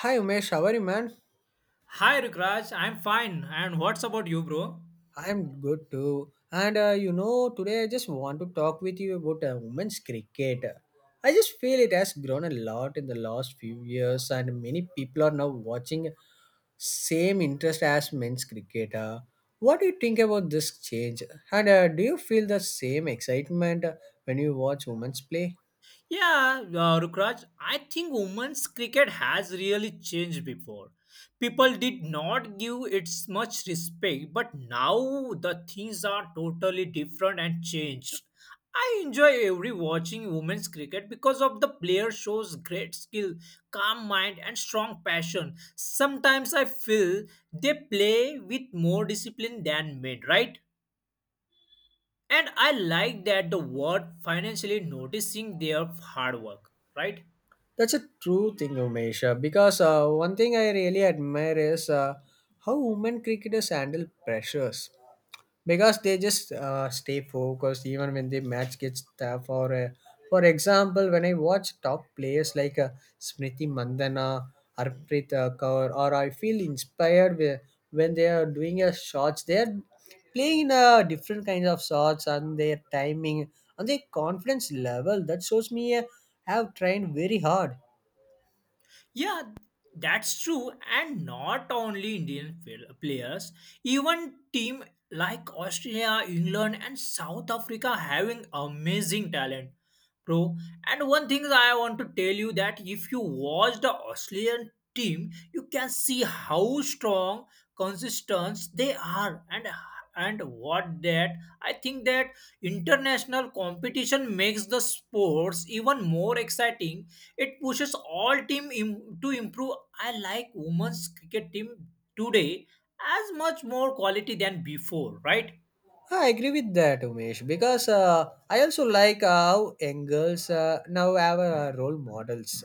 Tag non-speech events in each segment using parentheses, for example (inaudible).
Hi Umesh, how are you, man? Hi Rukraj, I'm fine. And what's about you, bro? I am good too. And today I just want to talk with you about women's cricket. I just feel it has grown a lot in the last few years, and many people are now watching same interest as men's cricket. What do you think about this change? And do you feel the same excitement when you watch women's play? Yeah, Rukraj, I think women's cricket has really changed before. People did not give it much respect, but now the things are totally different and changed. I enjoy every watching women's cricket because of the player shows great skill, calm mind and strong passion. Sometimes I feel they play with more discipline than men, right? And I like that the word financially noticing their hard work, right? That's a true thing, Umesh. Because one thing I really admire is how women cricketers handle pressures. Because they just stay focused even when the match gets tough. For example, when I watch top players like Smriti Mandana, Harpreet Kaur, or I feel inspired when they are doing a shots. They are playing in a different kinds of shots, and their timing and their confidence level. That shows me have trained very hard. Yeah, that's true. And not only Indian players, even team like Australia, England, and South Africa having amazing talent, bro. And one thing I want to tell you that if you watch the Australian team, you can see how strong, consistent they are, and what that I think that international competition makes the sports even more exciting it pushes all team to improve. I like women's cricket team today as much more quality than before, right? I agree with that, Umesh, because I also like how young girls now have role models.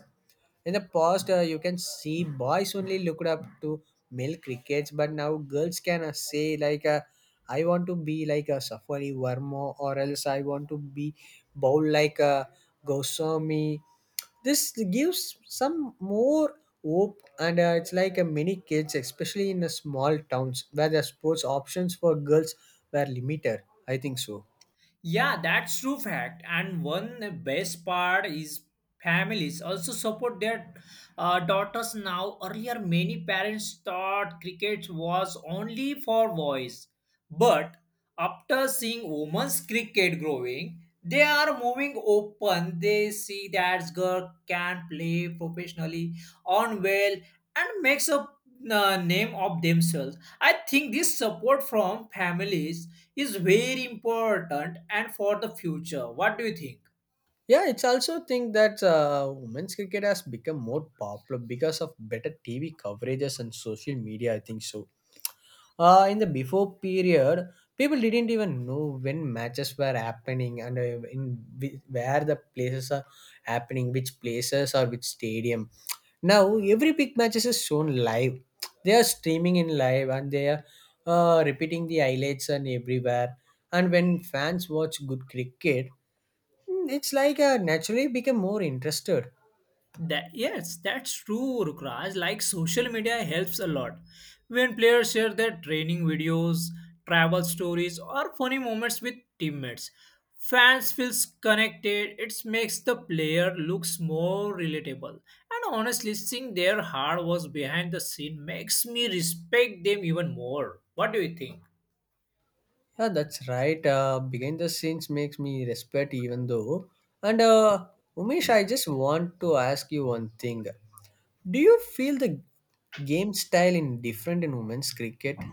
In the past, you can see boys only looked up to male crickets, but now girls can say like, "I want to be like a Safari Verma, or else I want to be bowl like a Goswami." This gives some more hope, and it's like many kids, especially in the small towns where the sports options for girls were limited. I think so. Yeah, that's true fact. And one best part is families also support their daughters now. Earlier, many parents thought cricket was only for boys, but after seeing women's cricket growing, they are moving open. They see that girl can play professionally on well and makes a name of themselves. I think this support from families is very important and for the future. What do you think? Yeah, it's also think that women's cricket has become more popular because of better TV coverages and social media. I think so. In the before period, people didn't even know when matches were happening, and where the places are happening, which places or which stadium. Now every big matches is shown live. They are streaming in live, and they are repeating the highlights and everywhere. And when fans watch good cricket, it's like I naturally became more interested. That yes, that's true, Rukraj. Like social media helps a lot. When players share their training videos, travel stories, or funny moments with teammates, fans feels connected. It makes the player looks more relatable. And honestly, seeing their hard work behind the scene makes me respect them even more. What do you think? Yeah, that's right. Behind the scenes makes me respect even though. And Umesh, I just want to ask you one thing. Do you feel the game style in different in women's cricket?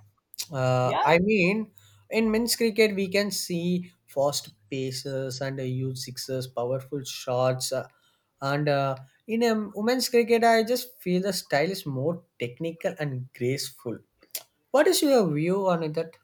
Uh, Yeah, I mean, in men's cricket, we can see fast paces and huge sixes, powerful shots. And in women's cricket, I just feel the style is more technical and graceful. What is your view on it that?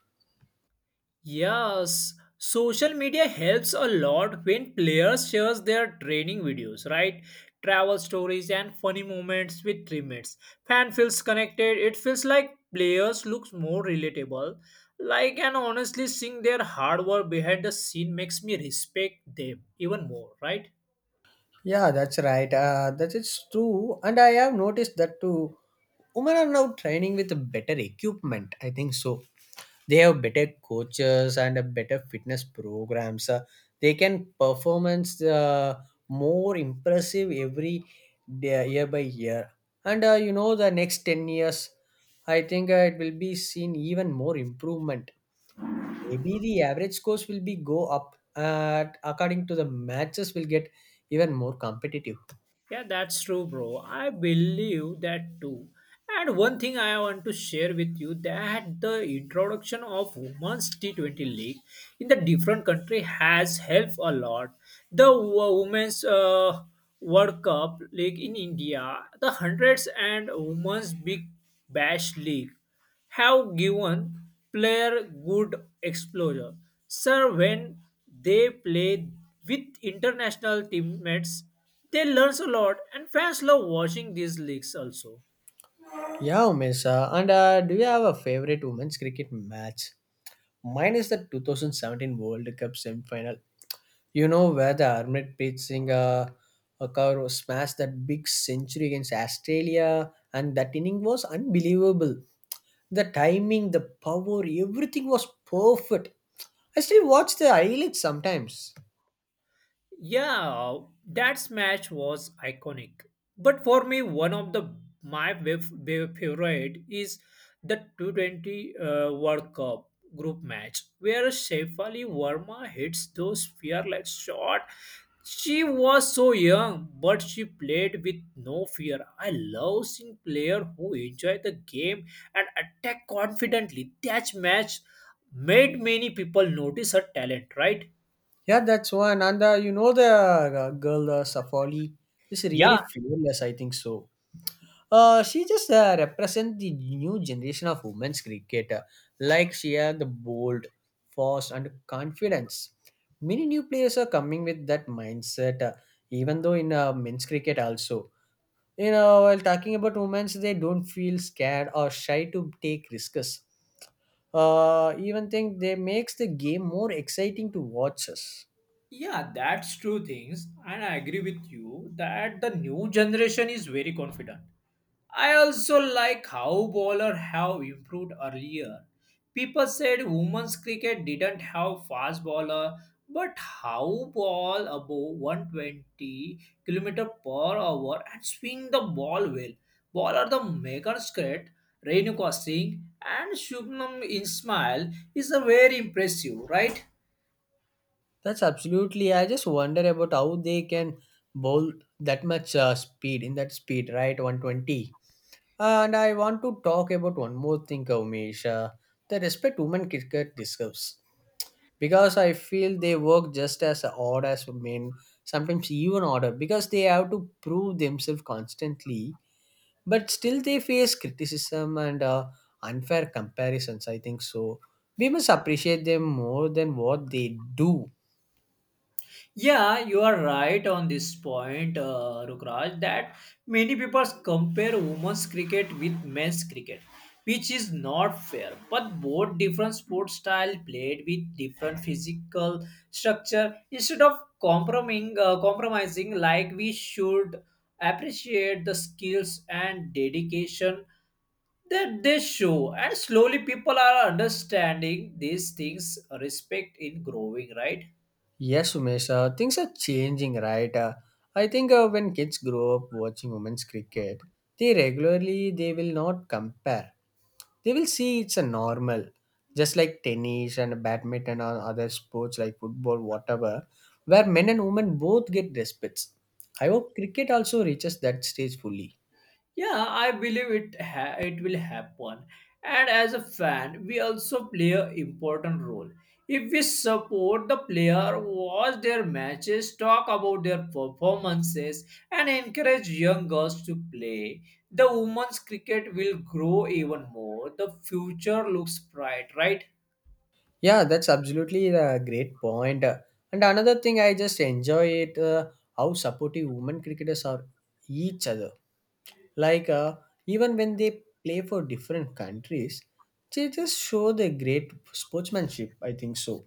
yes, social media helps a lot when players share their training videos, right? Travel stories and funny moments with teammates. Fan feels connected. It feels like players looks more relatable. Like and honestly, seeing their hard work behind the scene makes me respect them even more, right? Yeah, that's right. That is true, and I have noticed that too. Women are now training with better equipment. I think so. They have better coaches and a better fitness programs. They can performance more impressive every day, year by year. And the next 10 years, I think it will be seen even more improvement. Maybe the average scores will be go up, and according to the matches will get even more competitive. Yeah, that's true, bro. I believe that too. And one thing I want to share with you that the introduction of women's T20 league in the different country has helped a lot. The women's World Cup league in India, the hundreds and women's Big Bash league have given player good exposure. Sir, when they play with international teammates, they learn a lot, and fans love watching these leagues also. Yeah, Umesh. And Do you have a favorite women's cricket match? Mine is the 2017 World Cup semi-final. You know where the Harmanpreet Singh Kaur smashed that big century against Australia, and that inning was unbelievable. The timing, the power, everything was perfect. I still watch the highlights sometimes. Yeah, that match was iconic. But for me, one of the my favorite is the 220 World Cup group match where Shefali Verma hits those fearless shot. She was so young, but she played with no fear. I love seeing player who enjoy the game and attack confidently. That match made many people notice her talent, right? Yeah, that's one. And you know the girl Safali is really Yeah, fearless. I think so. She just represents the new generation of women's cricket. Like she had the bold, fast, and confidence. Many new players are coming with that mindset. Even though in men's cricket also, you know, while talking about women's, they don't feel scared or shy to take risks. Even think they makes the game more exciting to watch us. Yeah, that's true things, and I agree with you that the new generation is very confident. I also like how bowler have improved earlier. People said women's cricket didn't have fast bowler, but how ball above 120 kilometer per hour and swing the ball well. Bowler the Megan Scott, Renuka Singh, and Shubnam Ismail is a very impressive, right? That's absolutely. I just wonder about how they can bowl that much speed in that speed, right? 120. And I want to talk about one more thing, Kaumesh, the respect women cricket deserves. Because I feel they work just as hard as men, sometimes even harder, because they have to prove themselves constantly. But still, they face criticism and unfair comparisons. I think so. We must appreciate them more than what they do. Yeah, you are right on this point, Rukraj, that many people compare women's cricket with men's cricket, which is not fair. But both different sport style played with different physical structure. Instead of compromising, compromising like we should appreciate the skills and dedication that they show. And slowly people are understanding these things, respect in growing, right? Yes, Umesh, things are changing, right? I think when kids grow up watching women's cricket, they regularly they will not compare. They will see it's a normal, just like tennis and badminton or other sports like football, whatever, where men and women both get respects. I hope cricket also reaches that stage fully. Yeah, I believe it will happen. And as a fan, we also play an important role. If we support the player, watch their matches, talk about their performances, and encourage young girls to play, the women's cricket will grow even more. The future looks bright, right? Yeah, that's absolutely a great point. And another thing, I just enjoy it how supportive women cricketers are each other. Like uh, Even when they play for different countries, they just show their great sportsmanship. I think so.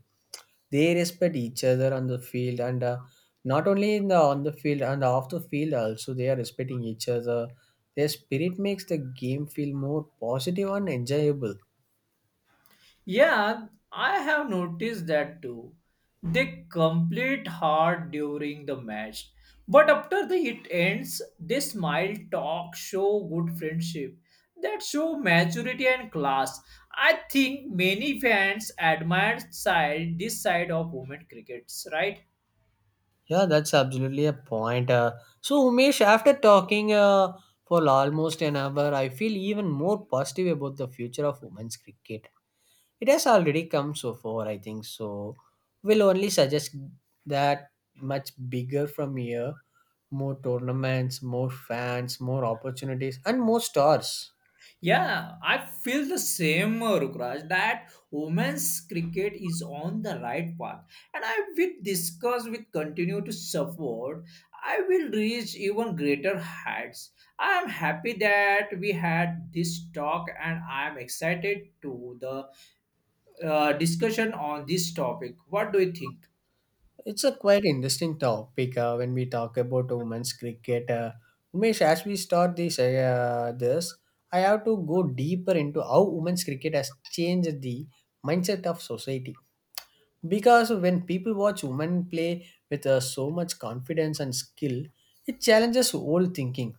They respect each other on the field, and not only in the on the field and off the field also they are respecting each other. Their spirit makes the game feel more positive and enjoyable. Yeah, I have noticed that too. They complete hard during the match, but after the it ends, they smile, talk, show good friendship. That show maturity and class. I think many fans admire side this side of women crickets, right? Yeah, that's absolutely a point. So, Umesh, after talking for almost an hour, I feel even more positive about the future of women's cricket. It has already come so far, I think. So, we'll only suggest that much bigger from here, more tournaments, more fans, more opportunities, and more stars. Yeah, I feel the same, Rukraj, that women's cricket is on the right path. And I will discuss with continue to support. I will reach even greater heights. I am happy that we had this talk and I am excited to the discussion on this topic. What do you think? It's a quite interesting topic when we talk about women's cricket. Umesh, as we start this, I have to go deeper into how women's cricket has changed the mindset of society. Because when people watch women play with so much confidence and skill, it challenges old thinking.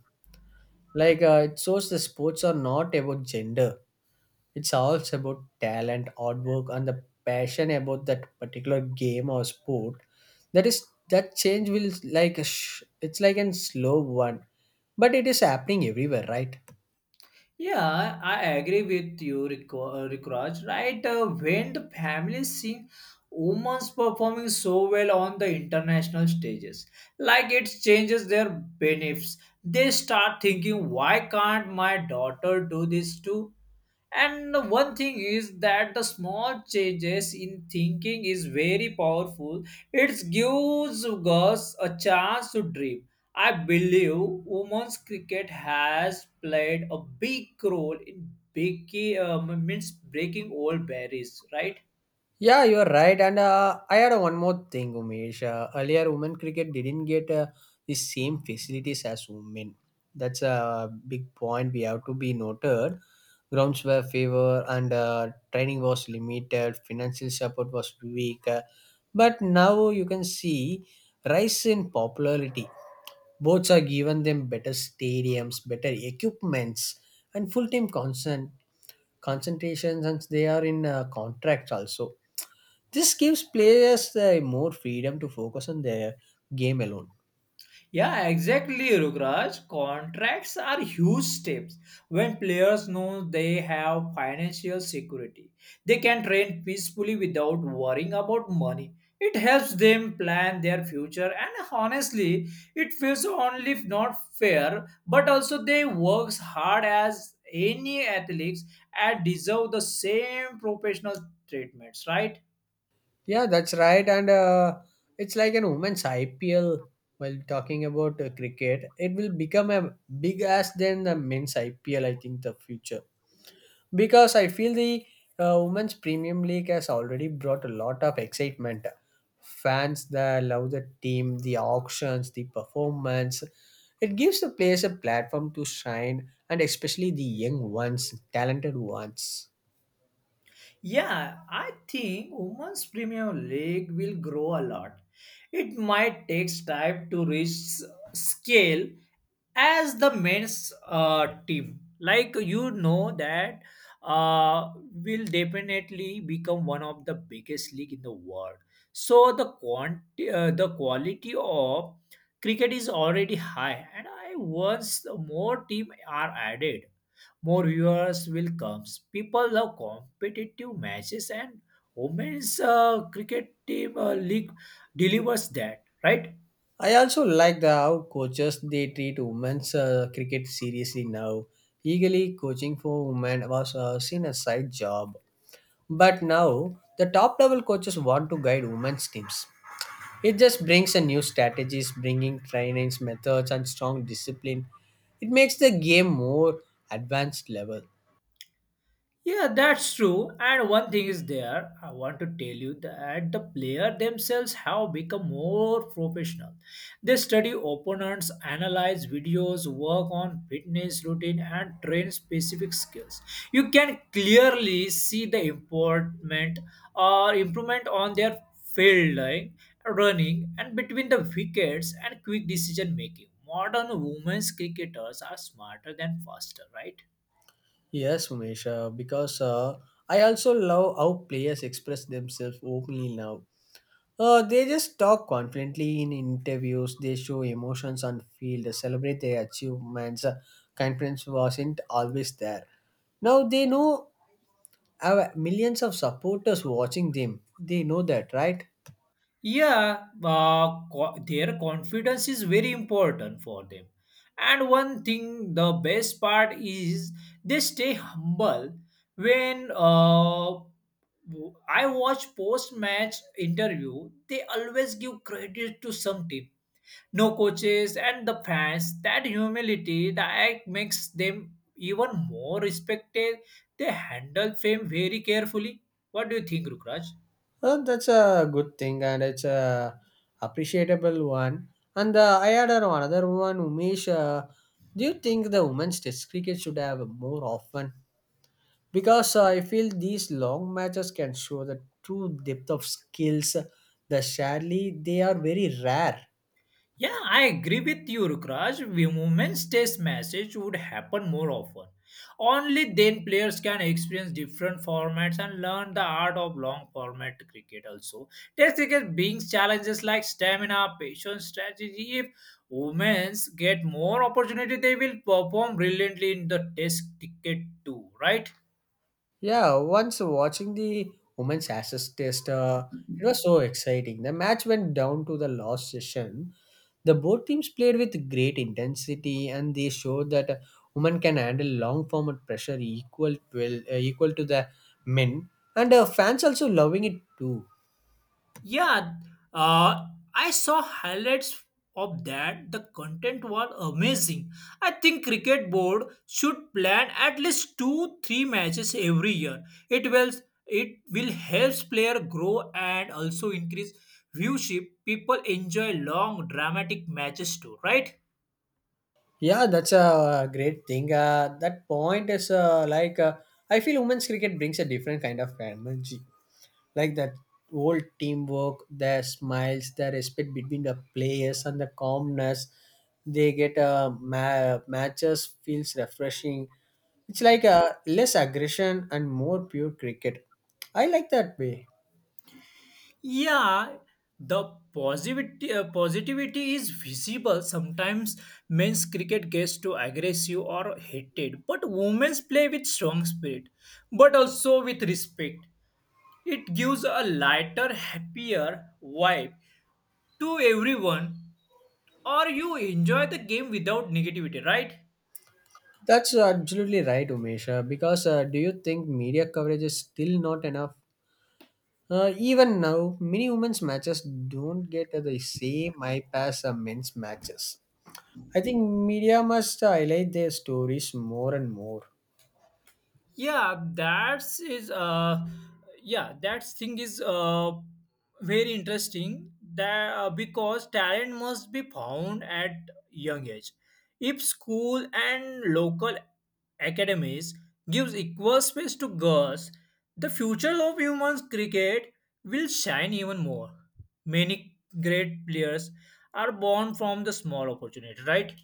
It shows the sports are not about gender, it's also about talent, hard work, and the passion about that particular game or sport. That is that change will like a it's like a slow one, but it is happening everywhere, right? Yeah, I agree with you, Rikraj. Right, when the families sing women's performing so well on the international stages, like it changes their beliefs. They start thinking, why can't my daughter do this too? And one thing is that the small changes in thinking is very powerful. It gives us a chance to dream. I believe women's cricket has played a big role in breaking, means breaking old barriers, right? Yeah, you're right. And I had one more thing, Umesh. Earlier, women cricket didn't get the same facilities as women. That's a big point we have to be noted. Grounds were favor, and training was limited. Financial support was weak. But now you can see rise in popularity. Boats are given them better stadiums, better equipments, and concentrations, and they are in contracts also. This gives players more freedom to focus on their game alone. Yeah, exactly, Rukraj. Contracts are huge steps. When players know they have financial security, they can train peacefully without worrying about money. It helps them plan their future, and honestly, it feels only if not fair, but also they works hard as any athletes and deserve the same professional treatments, right? Yeah, that's right. And it's like an women's IPL. While talking about cricket, it will become a big ass than the men's IPL. I think the future. Because I feel the women's Premium League has already brought a lot of excitement. Fans that love the team, the auctions, the performance. It gives the players a platform to shine, and especially the young ones, talented ones. Yeah, I think women's Premier League will grow a lot. It might take time to reach scale as the men's team. Like you know that will definitely become one of the biggest league in the world. So the the quality of cricket is already high, and I once more team are added more viewers will come. People love competitive matches, and women's cricket team league delivers that, right? I also like the how coaches they treat women's cricket seriously now. Eagerly coaching for women was seen as side job, but now the top level coaches want to guide women's teams. It just brings a new strategies, bringing trainings, methods, and strong discipline. It makes the game more advanced level. Yeah, that's true. And one thing is there, I want to tell you that the player themselves have become more professional. They study opponents, analyze videos, work on fitness routine, and train specific skills. You can clearly see the improvement or improvement on their fielding, running, and between the wickets and quick decision making. Modern women's cricketers are smarter than faster, right? Yes, Umesh, because I also love how players express themselves openly now. They just talk confidently in interviews, they show emotions on field, they celebrate their achievements. Confidence wasn't always there. Now they know have millions of supporters watching them. They know that, right? Yeah, their confidence is very important for them. And one thing, the best part is they stay humble. When uh, I watch post-match interview, they always give credit to some team, no coaches and the fans. That humility, the act makes them even more respected. They handle fame very carefully. What do you think, Rukraj? Well, that's a good thing, and it's a appreciable one. And I had another one, Umesh. Do you think the women's Test cricket should have more often? Because I feel these long matches can show the true depth of skills. The sadly, they are very rare. Yeah, I agree with you, Rukraj. Women's Test matches would happen more often. Only then players can experience different formats and learn the art of long format cricket also. Test cricket brings challenges like stamina, patience, strategy. If women's get more opportunity, they will perform brilliantly in the test cricket too, right? Yeah, once watching the women's Ashes Test, it was so exciting. The match went down to the last session. The both teams played with great intensity, and they showed that women can handle long format pressure equal to the men, and fans also loving it too. Yeah, uh, I saw highlights of that. The content was amazing. I think cricket board should plan at least two, three matches every year. It will it will helps player grow and also increase viewership. People enjoy long dramatic matches too, right? Yeah, that's a great thing. That point is like I feel women's cricket brings a different kind of energy. Like that old teamwork, their smiles, their respect between the players, and the calmness they get. Matches feels refreshing. It's like a less aggression and more pure cricket. I like that way. Yeah, the positivity is visible. Sometimes men's cricket gets too aggressive or heated, but women's play with strong spirit, but also with respect. It gives a lighter, happier vibe to everyone, or you enjoy the game without negativity, right? That's absolutely right, Umesha. Because do you think media coverage is still not enough? Even now, many women's matches don't get the same eye pass as men's matches. I think media must highlight their stories more and more. yeah that's is yeah that thing is very interesting that, because talent must be found at young age if school and local academies gives equal space to girls the future of women's cricket will shine even more many great players are born from the small opportunity right.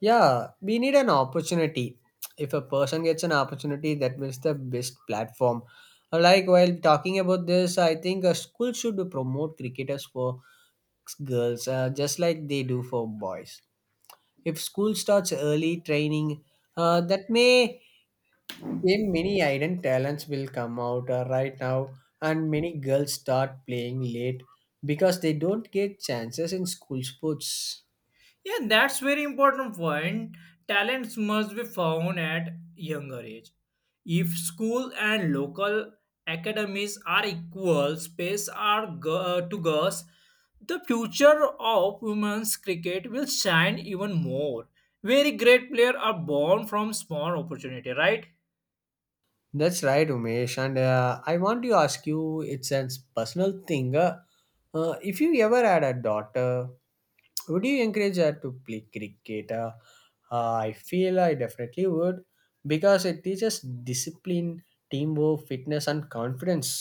Yeah, we need an opportunity. If a person gets an opportunity, that is the best platform. Like while talking about this, I think a school should promote cricketers for girls, just like they do for boys. If school starts early training, that may game many hidden talents will come out right now, and many girls start playing late because they don't get chances in school sports Yeah, that's very important point. Talents must be found at younger age. If school and local academies are equal, space are to girls, the future of women's cricket will shine even more. Very great players are born from small opportunity, right? that's right, Umesh. And I want to ask you, it's a personal thing. If you ever had a daughter, would you encourage her to play cricket? I feel I definitely would, because it teaches discipline, teamwork, fitness and confidence.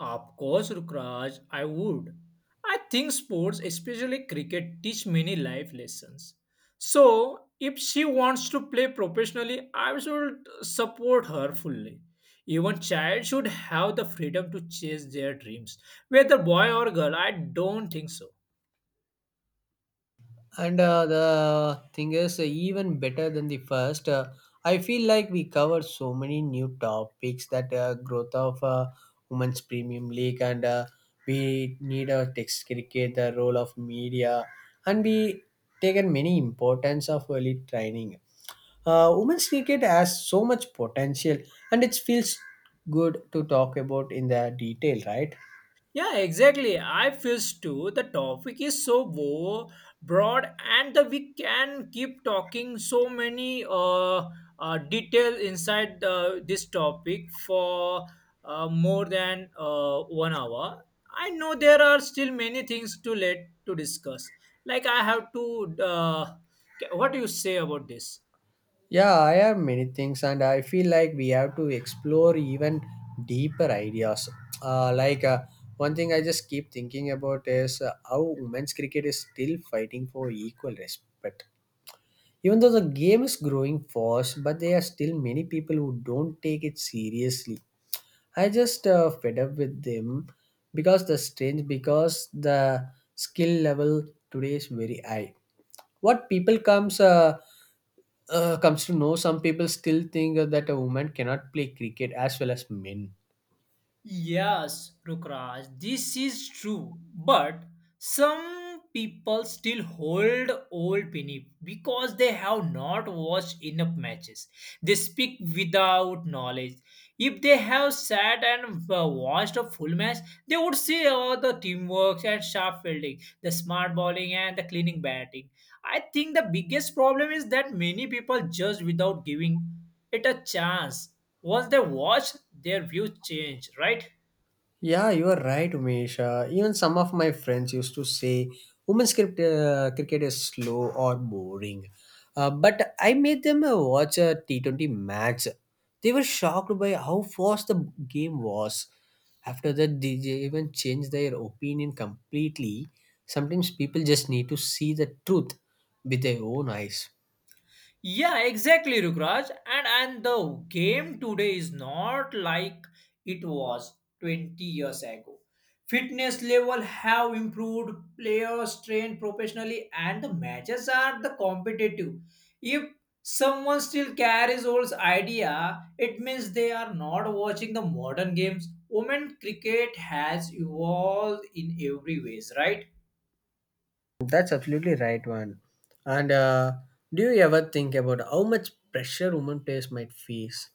Of course, Rukraj, I would. I think sports, especially cricket, teach many life lessons. So, if she wants to play professionally, I should support her fully. Even child should have the freedom to chase their dreams, whether boy or girl. I don't think so. And the thing is, even better than the first, I feel like we covered so many new topics, that growth of women's premium league, and we need a text cricket, the role of media, and we taken many importance of early training. Women's cricket has so much potential, and it feels good to talk about in the detail, right? Yeah, exactly. I feels too. The topic is so broad, and the, we can keep talking so many detail inside the, this topic for more than 1 hour. I know there are still many things to let to discuss. Like I have to. What do you say about this? Yeah, I have many things, and I feel like we have to explore even deeper ideas. Uh, like uh, One thing I just keep thinking about is how women's cricket is still fighting for equal respect. Even though the game is growing fast, but there are still many people who don't take it seriously. I just fed up with them because the strange because the skill level today is very high. What people comes comes to know, some people still think that a woman cannot play cricket as well as men. Yes, Rukraj, this is true. But some people still hold old Pinip because they have not watched enough matches. They speak without knowledge. If they have sat and watched a full match, they would see all the teamwork and sharp fielding, the smart bowling and the cleaning batting. I think the biggest problem is that many people judge without giving it a chance once they watch their views change right. Yeah, you are right, Umesh. Even some of my friends used to say women's cricket, cricket is slow or boring. But I made them watch a T20 match. They were shocked by how fast the game was. After that, they even changed their opinion completely. Sometimes people just need to see the truth with their own eyes. yeah exactly rukraj and the game today is not like it was 20 years ago fitness level have improved players train professionally and the matches are the competitive if someone still carries old idea it means they are not watching the modern games women cricket has evolved in every ways right. That's absolutely right, one. And do you ever think about how much pressure women players might face?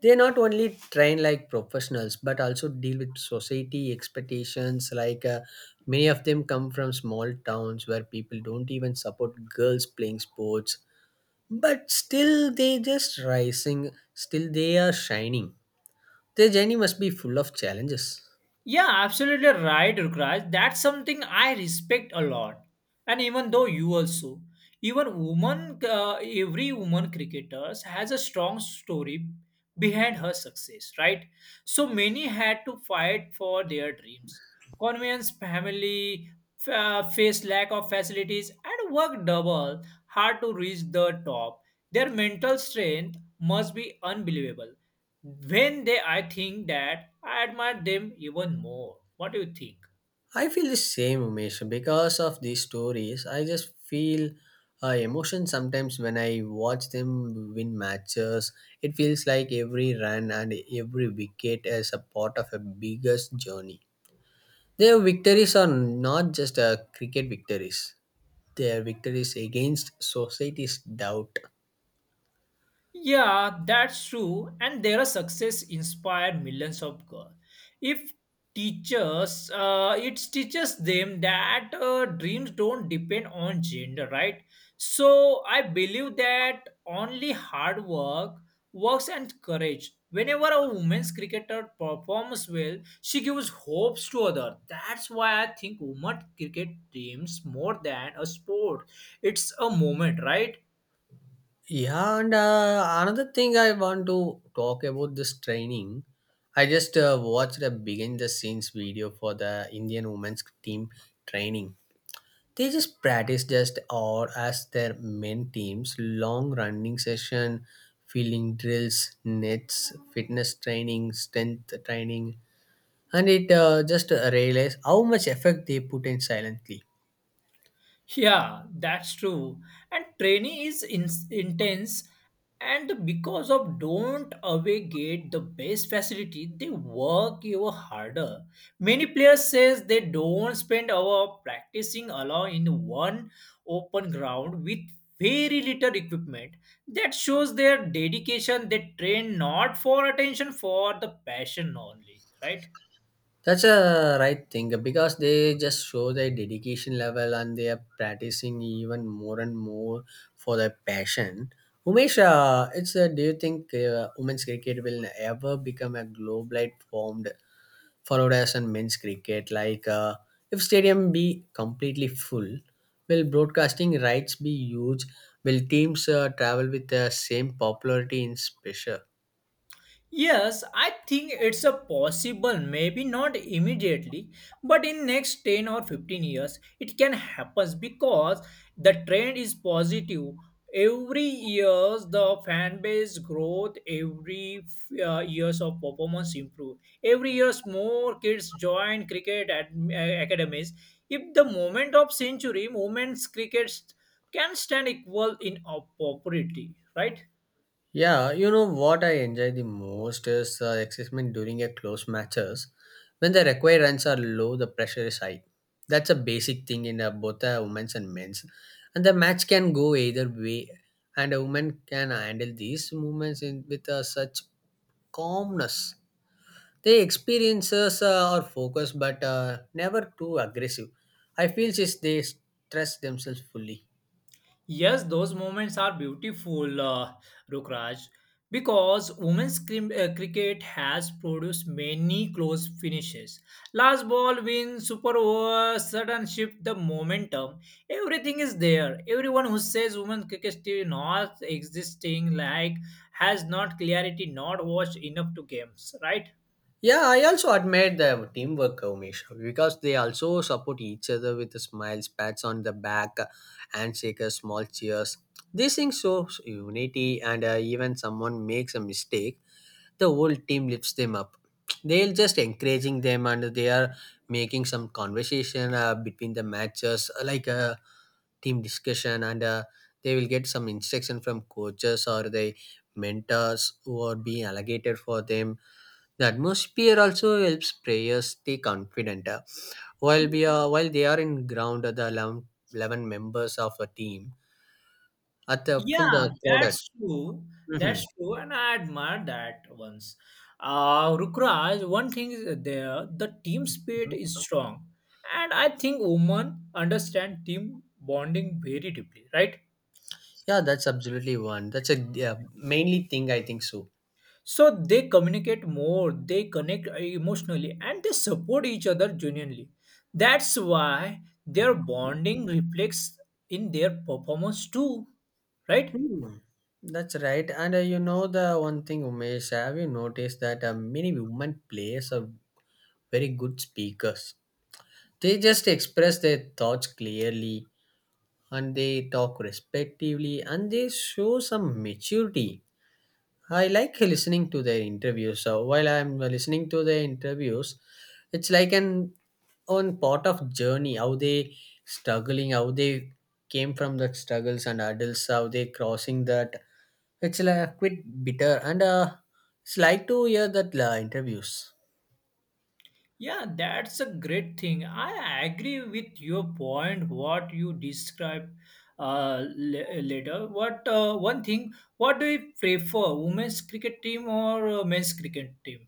They not only train like professionals, but also deal with society expectations. Many of them come from small towns where people don't even support girls playing sports, but still they just rising, still they are shining. Their journey must be full of challenges. Yeah, absolutely right, Rukraj. That's something I respect a lot. And even though you also, even woman, every woman cricketer has a strong story behind her success, right? So many had to fight for their dreams, convince family, face lack of facilities, and work double hard to reach the top. Their mental strength must be unbelievable. When they, I think that I admire them even more. What do you think? I feel the same, Umesh. Because of these stories, I just feel emotion sometimes when I watch them win matches. It feels like every run and every wicket is a part of a biggest journey. Their victories are not just cricket victories. Their victories against society's doubt. Yeah, that's true. And their success inspired millions of girls. If teachers, It teaches them that dreams don't depend on gender, right? So I believe that only hard work, works, and courage. Whenever a women's cricketer performs well, she gives hopes to others. That's why I think women cricket dreams more than a sport. It's a moment, right? Yeah, and another thing I want to talk about this training. I just watched a behind the scenes video for the Indian women's team training. They just practice just or as their main teams long running session, feeling drills, nets, fitness training, strength training, and it just realize how much effect they put in silently. Yeah, that's true. And training is intense, and because of don't away get the best facility, they work even harder. Many players says they don't spend hour practicing alone in one open ground with very little equipment. That shows their dedication. They train not for attention, for the passion only, right? That's a right thing, because they just show their dedication level and they are practicing even more and more for their passion. Umesh, it's do you think women's cricket will ever become a globalized formed followed as in men's cricket? Like, if stadium be completely full, will broadcasting rights be huge? Will teams travel with the same popularity in special? Yes, I think it's a possible, maybe not immediately, but in next 10 or 15 years it can happen because the trend is positive. Every years the fan base growth, every years of performance improve. Every years more kids join cricket academies. If the moment of century, moments cricket can stand equal in opportunity, right? Yeah, you know what I enjoy the most is excitement during a close matches, when the required runs are low, the pressure is high. That's a basic thing in both women's and men's, and the match can go either way. And a woman can handle these movements in with such calmness. They experiences are focused, but never too aggressive. I feel since they stress themselves fully. Yes, those moments are beautiful, Rukraj, because women's cricket has produced many close finishes. Last ball win, super over, sudden shift, the momentum, everything is there. Everyone who says women's cricket still not existing, like, has not clarity, not watched enough to games, right? Yeah, I also admire the teamwork, Umesh, because they also support each other with the smiles, pats on the back, handshakes, small cheers. These things show unity, and even someone makes a mistake, the whole team lifts them up. They're just encouraging them, and they are making some conversation between the matches, like a team discussion, and they will get some instruction from coaches or the mentors who are being allocated for them. The atmosphere also helps players stay confident. While they are in ground, uh, eleven members of a team at the full Yeah, the crowded. that's true. Mhm. That's true, and I admire that once. Rukraj, one thing is there, the team spirit Mhm. is strong, and I think women understand team bonding very deeply, right? Yeah, that's absolutely one. That's a, yeah, mainly thing I think so. So they communicate more, they connect emotionally, and they support each other genuinely. That's why their bonding reflects in their performance too, right? Hmm. That's right. And you know the one thing, Umesh, have you noticed that many women players are very good speakers? They just express their thoughts clearly, and they talk respectively, and they show some maturity. I like listening to their interviews. So while I'm listening to their interviews, it's like an own part of journey. How they struggling, how they came from the struggles and adults, how they crossing that. It's like a quite bitter, and it's like to hear that interviews. Yeah, that's a great thing. I agree with your point, what you described later. What One thing, what do you prefer, women's cricket team or men's cricket team?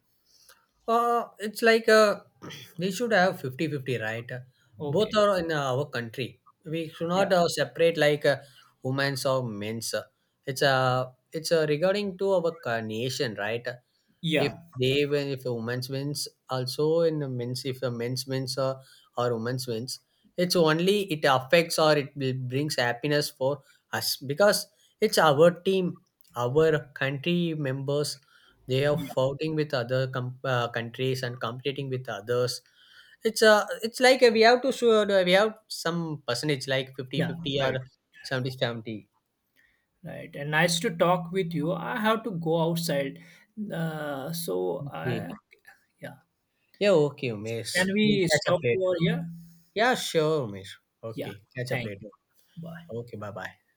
It's like (clears throat) we should have fifty-fifty, right? Both Okay. are in our country. We should Yeah. not separate like women's or men's. It's regarding to our nation, right? If Yeah. they win, if a women's wins also, in the men's, if a men's wins, or women's wins, it's only it affects or it brings happiness for us, because it's our team, our country members. They are Yeah. fighting with other countries and competing with others. It's a, it's like a, we have to show we have some percentage like fifty Yeah. fifty or Right. 70 70. Right. And nice to talk with you. I have to go outside. Uh, so Okay. I, yeah. Yeah, okay, So miss, can we'll we catch up stop later. over here? Yeah, sure, Umesh. Yeah. Okay, catch up Thank later. you. Bye. Okay, bye bye.